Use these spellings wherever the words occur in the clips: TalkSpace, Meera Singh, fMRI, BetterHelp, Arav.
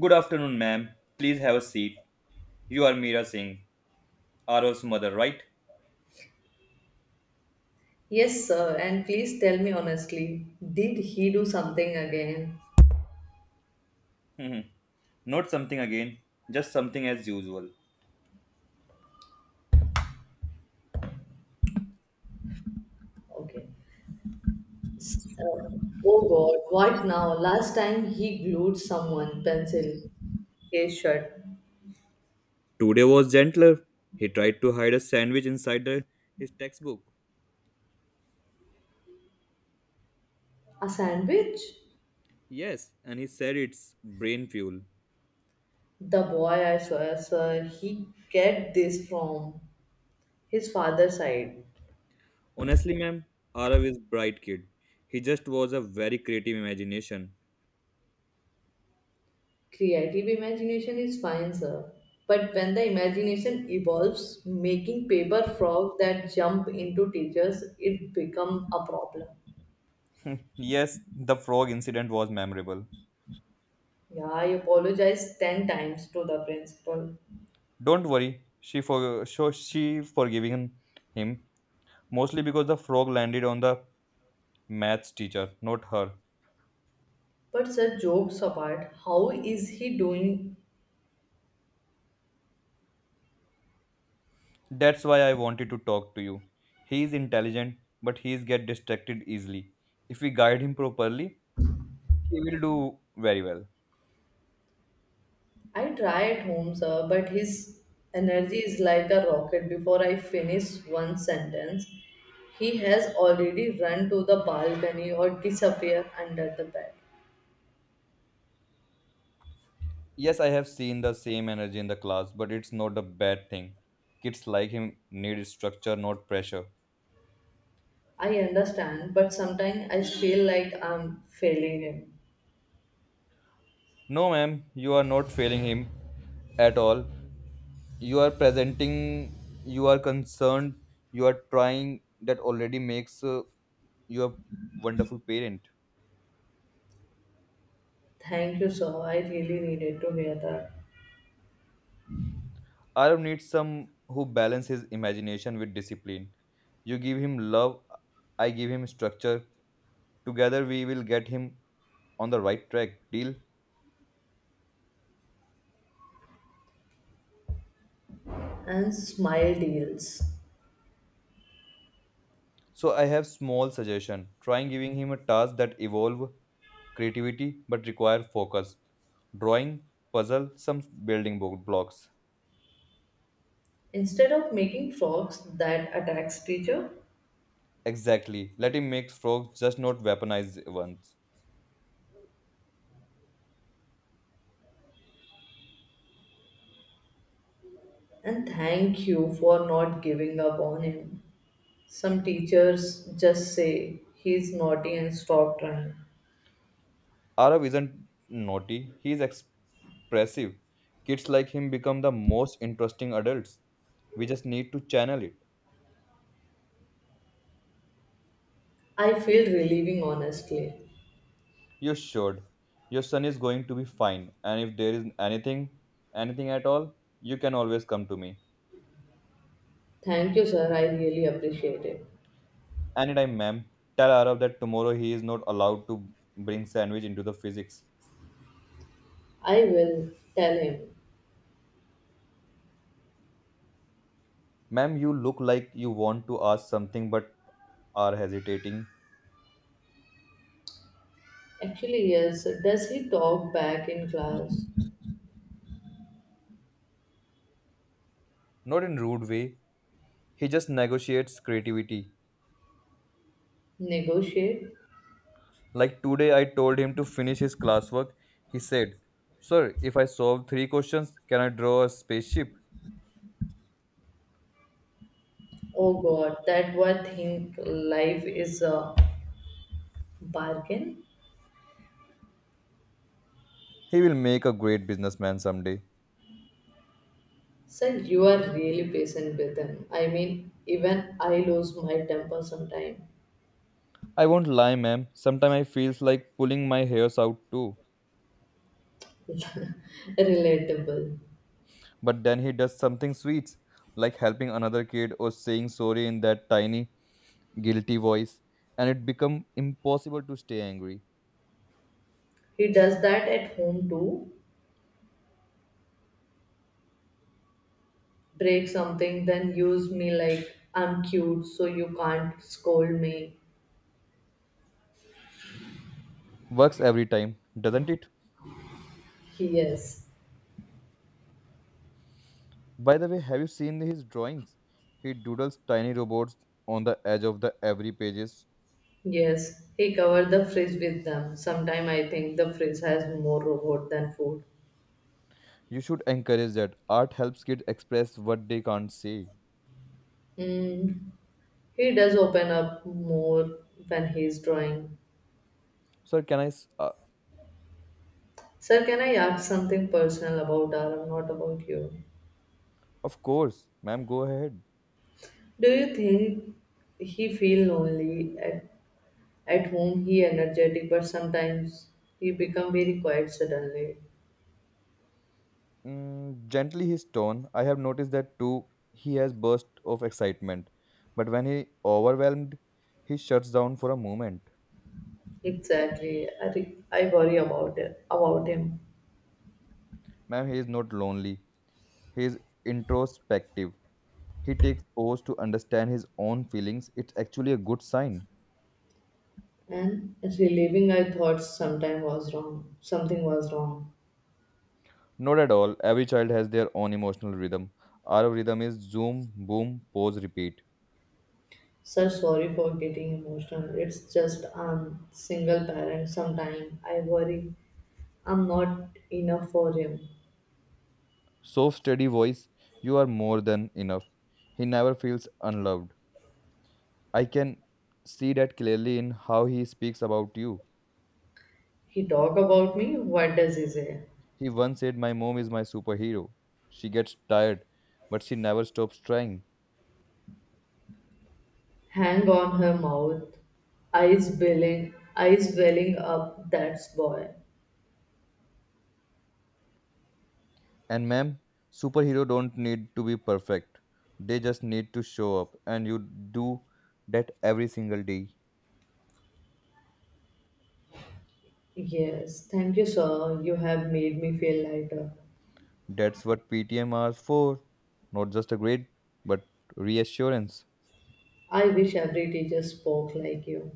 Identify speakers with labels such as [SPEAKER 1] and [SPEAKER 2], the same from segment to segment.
[SPEAKER 1] Good afternoon, ma'am. Please have a seat. You are Meera Singh, Aro's mother, right?
[SPEAKER 2] Yes, sir. And please tell me honestly, did he do something again?
[SPEAKER 1] "Hmm, not something again, just something as usual.
[SPEAKER 2] Okay. S- uh, oh God, what now? Last time he glued someone pencil, his shirt.
[SPEAKER 1] Today was gentler. He tried to hide a sandwich his textbook.
[SPEAKER 2] A sandwich?
[SPEAKER 1] Yes, and he said it's brain fuel.
[SPEAKER 2] The boy, I swear, sir, he get this from his father's side.
[SPEAKER 1] Honestly, ma'am, Arav is bright kid. He just was a very creative imagination.
[SPEAKER 2] Creative imagination is fine, sir. But when the imagination evolves, making paper frogs that jump into teachers, it become a problem.
[SPEAKER 1] Hmm, yes, the frog incident was memorable.
[SPEAKER 2] Yeah, I apologized 10 times to the principal.
[SPEAKER 1] Don't worry, she forgiving him mostly because the frog landed on the maths teacher, not her.
[SPEAKER 2] But, sir, jokes apart, how is he doing?
[SPEAKER 1] That's why I wanted to talk to you. He is intelligent, but he is get distracted easily. If we guide him properly, he will do very well.
[SPEAKER 2] I try at home, sir, but his energy is like a rocket. Before I finish one sentence, he has already run to the balcony or disappeared under the bed.
[SPEAKER 1] Yes, I have seen the same energy in the class, but it's not a bad thing. Kids like him need structure, not pressure.
[SPEAKER 2] I understand, but sometimes I feel like I'm failing him.
[SPEAKER 1] No, ma'am, you are not failing him at all. You are presenting, you are concerned, you are trying. That already makes you a wonderful parent.
[SPEAKER 2] Thank you, sir. I really needed to hear that.
[SPEAKER 1] Arab needs some who balance his imagination with discipline. You give him love, I give him structure. Together we will get him on the right track. Deal.
[SPEAKER 2] And smile deals.
[SPEAKER 1] So I have small suggestion. Trying giving him a task that evolve creativity but require focus. Drawing, puzzle, some blocks.
[SPEAKER 2] Instead of making frogs that attacks teacher
[SPEAKER 1] Exactly. Let him make frogs, just not weaponized ones.
[SPEAKER 2] and thank you for not giving up on him. Some teachers just say he's naughty and stop trying.
[SPEAKER 1] Arav isn't naughty, he is expressive. Kids like him become the most interesting adults. We just need to channel it.
[SPEAKER 2] I feel relieving honestly.
[SPEAKER 1] You should. Your son is going to be fine, and if there is anything, anything at all, you can always come to me.
[SPEAKER 2] Thank you sir, I really appreciate it.
[SPEAKER 1] Anytime, ma'am. Tell Arav that tomorrow he is not allowed to bring sandwich into the physics.
[SPEAKER 2] I will tell him.
[SPEAKER 1] Ma'am, you look like you want to ask something but are hesitating.
[SPEAKER 2] Actually yes, does he talk back in class?
[SPEAKER 1] Not in rude way. He just negotiates creativity.
[SPEAKER 2] Negotiate?
[SPEAKER 1] Like today, I told him to finish his classwork. He said, sir, if I solve three questions, can I draw a spaceship?
[SPEAKER 2] Oh god, that what think life is a bargain?
[SPEAKER 1] He will make a great businessman someday.
[SPEAKER 2] Sir, you are really patient with them. I mean, even I lose my temper sometimes.
[SPEAKER 1] I won't lie, ma'am. Sometimes I feels like pulling my hairs out too.
[SPEAKER 2] Relatable.
[SPEAKER 1] But then he does something sweet, like helping another kid or saying sorry in that tiny, guilty voice, and it become impossible to stay angry.
[SPEAKER 2] He does that at home too. Break something, then use me like I'm cute, so you can't scold me.
[SPEAKER 1] Works every time, doesn't it?
[SPEAKER 2] Yes,
[SPEAKER 1] By the way, have you seen his drawings? He doodles tiny robots on the edge of the every pages.
[SPEAKER 2] yes. He covered the fridge with them. Sometimes I think the fridge has more robot than food.
[SPEAKER 1] You should encourage that. Art helps kids express what they can't say.
[SPEAKER 2] Mm, he does open up more when he's drawing.
[SPEAKER 1] Sir, can I
[SPEAKER 2] Sir, can I ask something personal about Aram, not about you?
[SPEAKER 1] of course, ma'am, go ahead.
[SPEAKER 2] Do you think he feel lonely at home? He energetic, but sometimes he become very quiet suddenly.
[SPEAKER 1] mm, gently his tone, I have noticed that too. He has bursts of excitement, but when he overwhelmed he shuts down for a moment.
[SPEAKER 2] Exactly, I worry about it, about him.
[SPEAKER 1] Ma'am, he is not lonely, he is introspective. He takes pause to understand his own feelings. It's actually a good sign.
[SPEAKER 2] And relieving, I thought sometime was wrong. Something was wrong.
[SPEAKER 1] Not at all. Every child has their own emotional rhythm. Our rhythm is zoom, boom, pause, repeat.
[SPEAKER 2] So sorry for getting emotional. It's just I'm single parent. Sometimes I worry I'm not enough for him.
[SPEAKER 1] So steady voice, you are more than enough. He never feels unloved. I can see that clearly in how he speaks about you.
[SPEAKER 2] He talk about me. What does he say?
[SPEAKER 1] He once said, my mom is my superhero. She gets tired, but she never stops trying.
[SPEAKER 2] Hang on her mouth, eyes billing, eyes welling up. That's boy.
[SPEAKER 1] And ma'am, superhero don't need to be perfect. They just need to show up, and you do that every single day.
[SPEAKER 2] Yes, thank you, sir. You have made me feel lighter.
[SPEAKER 1] That's what PTM are for. Not just a grade, but reassurance.
[SPEAKER 2] I wish every teacher spoke like you.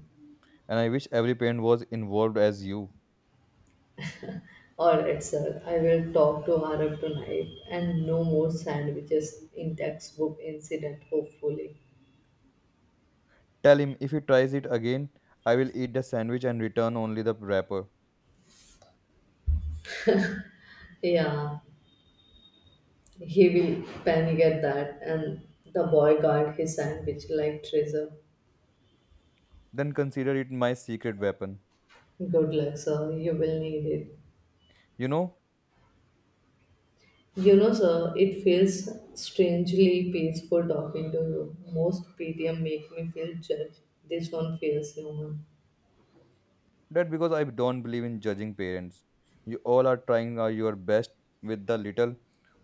[SPEAKER 1] And I wish every parent was involved as you.
[SPEAKER 2] All right, sir. I will talk to Arab tonight, and no more sandwiches in textbook incident. Hopefully,
[SPEAKER 1] Tell him if he tries it again, I will eat the sandwich and return only the wrapper.
[SPEAKER 2] yeah, he will panic at that, and the boy guard his sandwich like treasure.
[SPEAKER 1] Then consider it my secret weapon.
[SPEAKER 2] Good luck, sir. You will need it.
[SPEAKER 1] You know,
[SPEAKER 2] You know, sir, it feels strangely peaceful talking to you. Most PTM make me feel judged. This one feels human.
[SPEAKER 1] that because I don't believe in judging parents. You all are trying your best with the little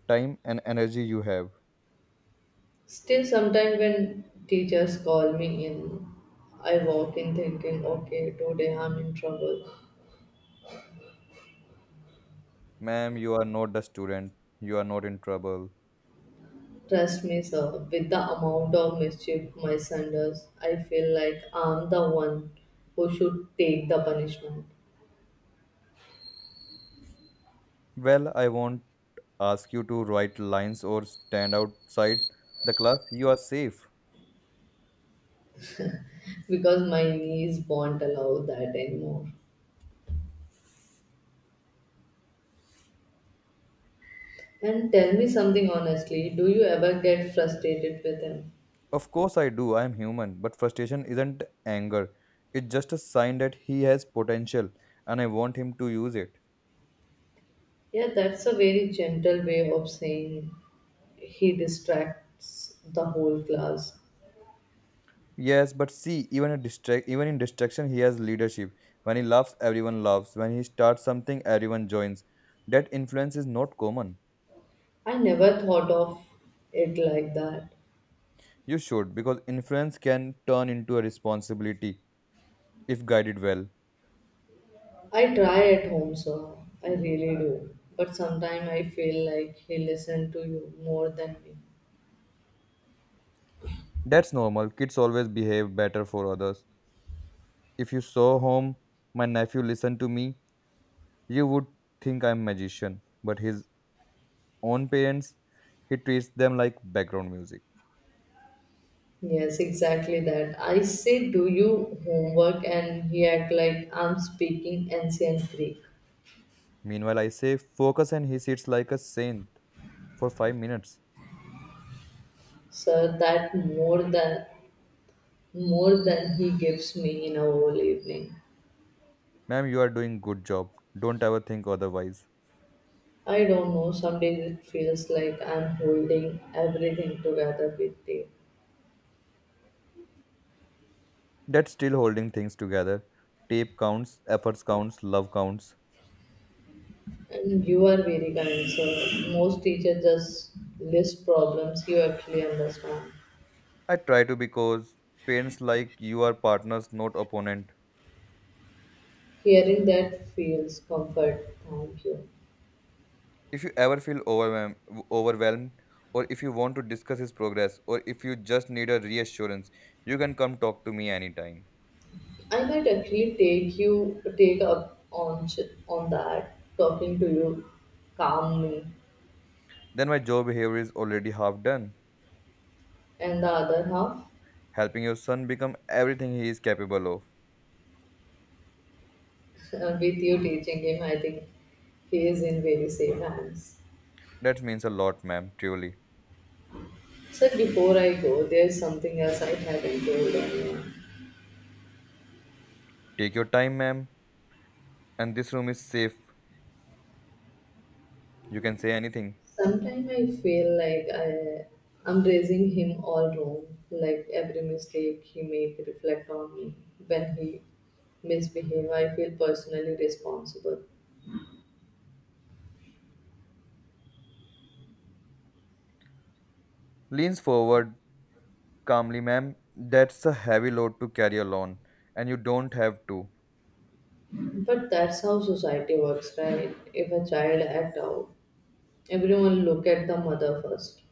[SPEAKER 1] time and energy you have.
[SPEAKER 2] Still, sometimes when teachers call me in, I walk in thinking, okay, today I'm in trouble.
[SPEAKER 1] Ma'am, you are not the student. You are not in trouble.
[SPEAKER 2] Trust me, sir, with the amount of mischief my son does, I feel like I'm the one who should take the punishment
[SPEAKER 1] Well, I won't ask you to write lines or stand outside the class. You are safe.
[SPEAKER 2] because my knees won't allow that anymore. And tell me something honestly, do you ever get frustrated with him?
[SPEAKER 1] Of course, I do. I am human. But frustration isn't anger. It's just a sign that he has potential and I want him to use it.
[SPEAKER 2] Yeah, that's a very gentle way of saying he distracts the whole class.
[SPEAKER 1] Yes, but see, even in distraction, he has leadership. When he laughs, everyone laughs. When he starts something, everyone joins. That influence is not common.
[SPEAKER 2] I never thought of it like that.
[SPEAKER 1] You should, because influence can turn into a responsibility if guided well.
[SPEAKER 2] I try at home, so I really do. But sometimes I feel like he listens to you more than me.
[SPEAKER 1] That's normal. Kids always behave better for others. If you saw home, my nephew listened to me, you would think I'm magician, but he's own parents, he treats them like background music.
[SPEAKER 2] Yes, exactly that. I say, do you homework? And he act like I'm speaking ancient Greek.
[SPEAKER 1] Meanwhile, I say focus and he sits like a saint for 5 minutes.
[SPEAKER 2] Sir, that more than he gives me in a whole evening.
[SPEAKER 1] Ma'am, you are doing good job. Don't ever think otherwise.
[SPEAKER 2] I don't know, some days it feels like I'm holding everything together with tape.
[SPEAKER 1] That's still holding things together. Tape counts, efforts counts, love counts.
[SPEAKER 2] And you are very kind, sir. Most teachers just list problems you actually understand.
[SPEAKER 1] I try to because parents like you are partners, not opponent.
[SPEAKER 2] Hearing that feels comfort. Thank you.
[SPEAKER 1] If you ever feel overwhelmed, or if you want to discuss his progress, or if you just need a reassurance, you can come talk to me anytime.
[SPEAKER 2] I might actually take you take up on ch- on that. Talking to you calm me.
[SPEAKER 1] Then my job behavior is already half done.
[SPEAKER 2] And the other half?
[SPEAKER 1] Helping your son become everything he is capable of.
[SPEAKER 2] And with you teaching him, I think he is in very safe hands.
[SPEAKER 1] That means a lot, ma'am, truly.
[SPEAKER 2] Sir, before I go, there's something else I haven't told anyone.
[SPEAKER 1] Take your time, ma'am, and this room is safe. You can say anything.
[SPEAKER 2] Sometimes I feel like I'm raising him all wrong. Like every mistake he make reflect on me. When he misbehave, I feel personally responsible.
[SPEAKER 1] Leans forward calmly, ma'am. That's a heavy load to carry alone, and you don't have to.
[SPEAKER 2] But that's how society works, right? If a child act out, everyone look at the mother first.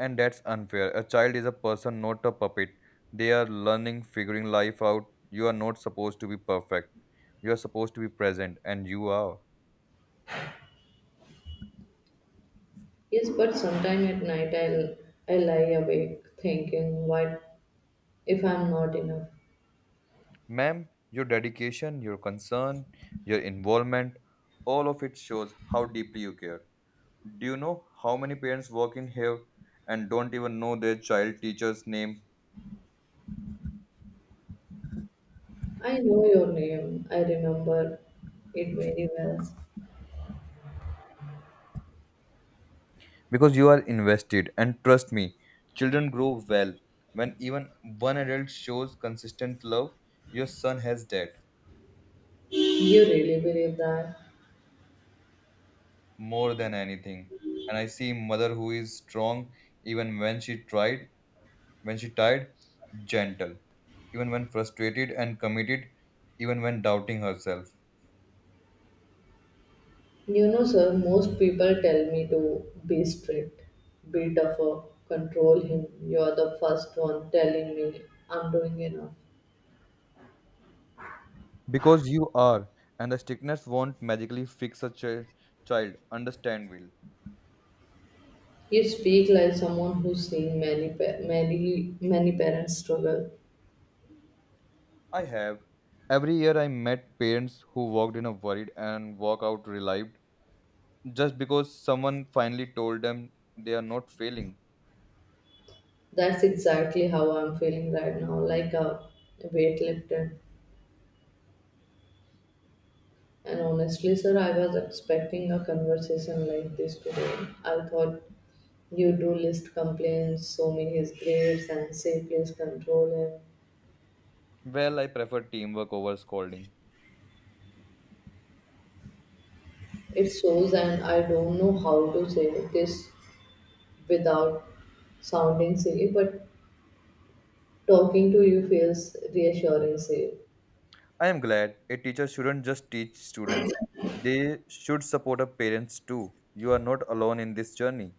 [SPEAKER 1] And that's unfair. A child is a person, not a puppet. They are learning, figuring life out. You are not supposed to be perfect. You are supposed to be present, and you are.
[SPEAKER 2] Yes, but sometime at night I lie awake thinking, what if I'm not enough?
[SPEAKER 1] Ma'am, your dedication, your concern, your involvement, all of it shows how deeply you care. Do you know how many parents work in here and don't even know their child teacher's name?
[SPEAKER 2] I know your name. I remember it very well.
[SPEAKER 1] Because you are invested, and trust me, children grow well when even one adult shows consistent love. Your son has that
[SPEAKER 2] You really believe that?
[SPEAKER 1] more than anything. And I see mother who is strong even when she tried. When she tired, gentle. Even when frustrated and committed, even when doubting herself.
[SPEAKER 2] You know, sir, most people tell me to be strict, be tougher, control him. You're the first one telling me I'm doing enough.
[SPEAKER 1] Because you are, and the strictness won't magically fix a child. Understand, will.
[SPEAKER 2] You speak like someone who's seen many parents struggle.
[SPEAKER 1] I have. Every year I met parents who walked in a worried and walk out relieved just because someone finally told them they are not failing.
[SPEAKER 2] That's exactly how I'm feeling right now, like a weight lifted. And honestly, sir, I was expecting a conversation like this today. I thought you do list complaints, show me his grades, and say please control him.
[SPEAKER 1] Well, I prefer teamwork over scolding.
[SPEAKER 2] It shows, and I don't know how to say this without sounding silly, but talking to you feels reassuring, sir.
[SPEAKER 1] I am glad a teacher shouldn't just teach students. They should support our parents too. You are not alone in this journey.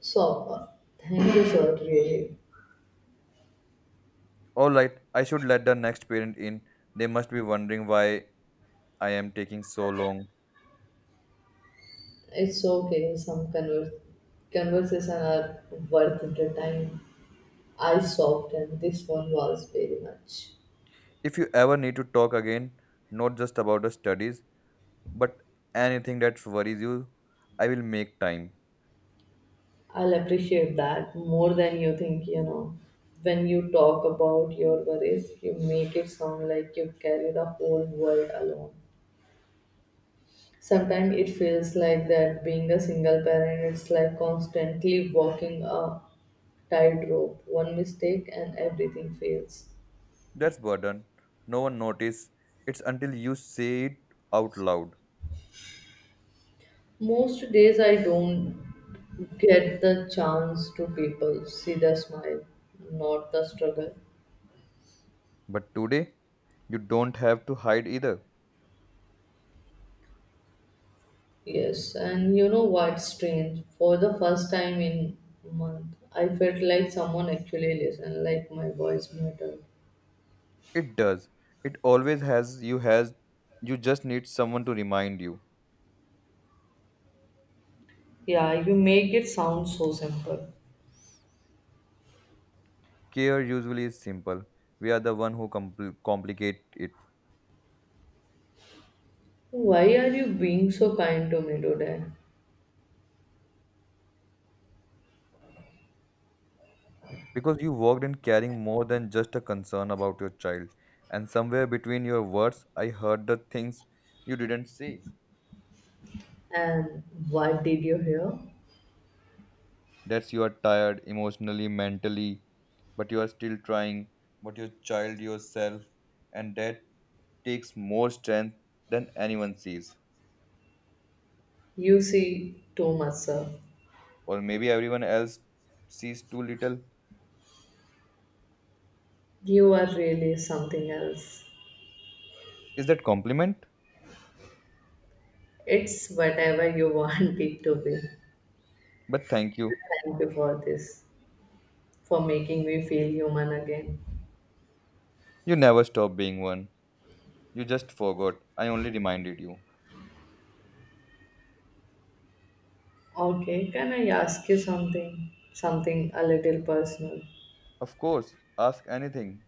[SPEAKER 2] So, thank you, sir, really.
[SPEAKER 1] Alright, I should let the next parent in. They must be wondering why I am taking so long.
[SPEAKER 2] It's okay. Some conversation are worth the time. I softened. This one was very much.
[SPEAKER 1] If you ever need to talk again, not just about the studies, but anything that worries you, I will make time.
[SPEAKER 2] I'll appreciate that more than you think. You know, when you talk about your worries, you make it sound like you carry the whole world alone. Sometimes it feels like that being a single parent, it's like constantly walking a tightrope. One mistake and everything fails.
[SPEAKER 1] That's burden. No one notice. It's until you say it out loud.
[SPEAKER 2] Most days I don't get the chance to people see the smile, not the struggle.
[SPEAKER 1] But today, you don't have to hide either.
[SPEAKER 2] Yes, and you know what's strange? For the first time in month, I felt like someone actually listened, like my voice mattered.
[SPEAKER 1] It does. It always has you just need someone to remind you.
[SPEAKER 2] Yeah, you make it sound so simple.
[SPEAKER 1] Care usually is simple. We are the one who complicate it
[SPEAKER 2] Why are you being so kind to me today?
[SPEAKER 1] because you worked in caring more than just a concern about your child. And somewhere between your words, I heard the things you didn't say.
[SPEAKER 2] And what did you hear?
[SPEAKER 1] That's you are tired emotionally, mentally, but you are still trying. But your child yourself, and that takes more strength than anyone sees,
[SPEAKER 2] You see too much, sir.
[SPEAKER 1] or maybe everyone else sees too little.
[SPEAKER 2] You are really something else.
[SPEAKER 1] Is that compliment?
[SPEAKER 2] It's whatever you want it to be.
[SPEAKER 1] But thank you.
[SPEAKER 2] Thank you for this, for making me feel human again.
[SPEAKER 1] You never stop being one. You just forgot. I only reminded you.
[SPEAKER 2] Okay, can I ask you something? Something a little personal.
[SPEAKER 1] Of course, ask anything.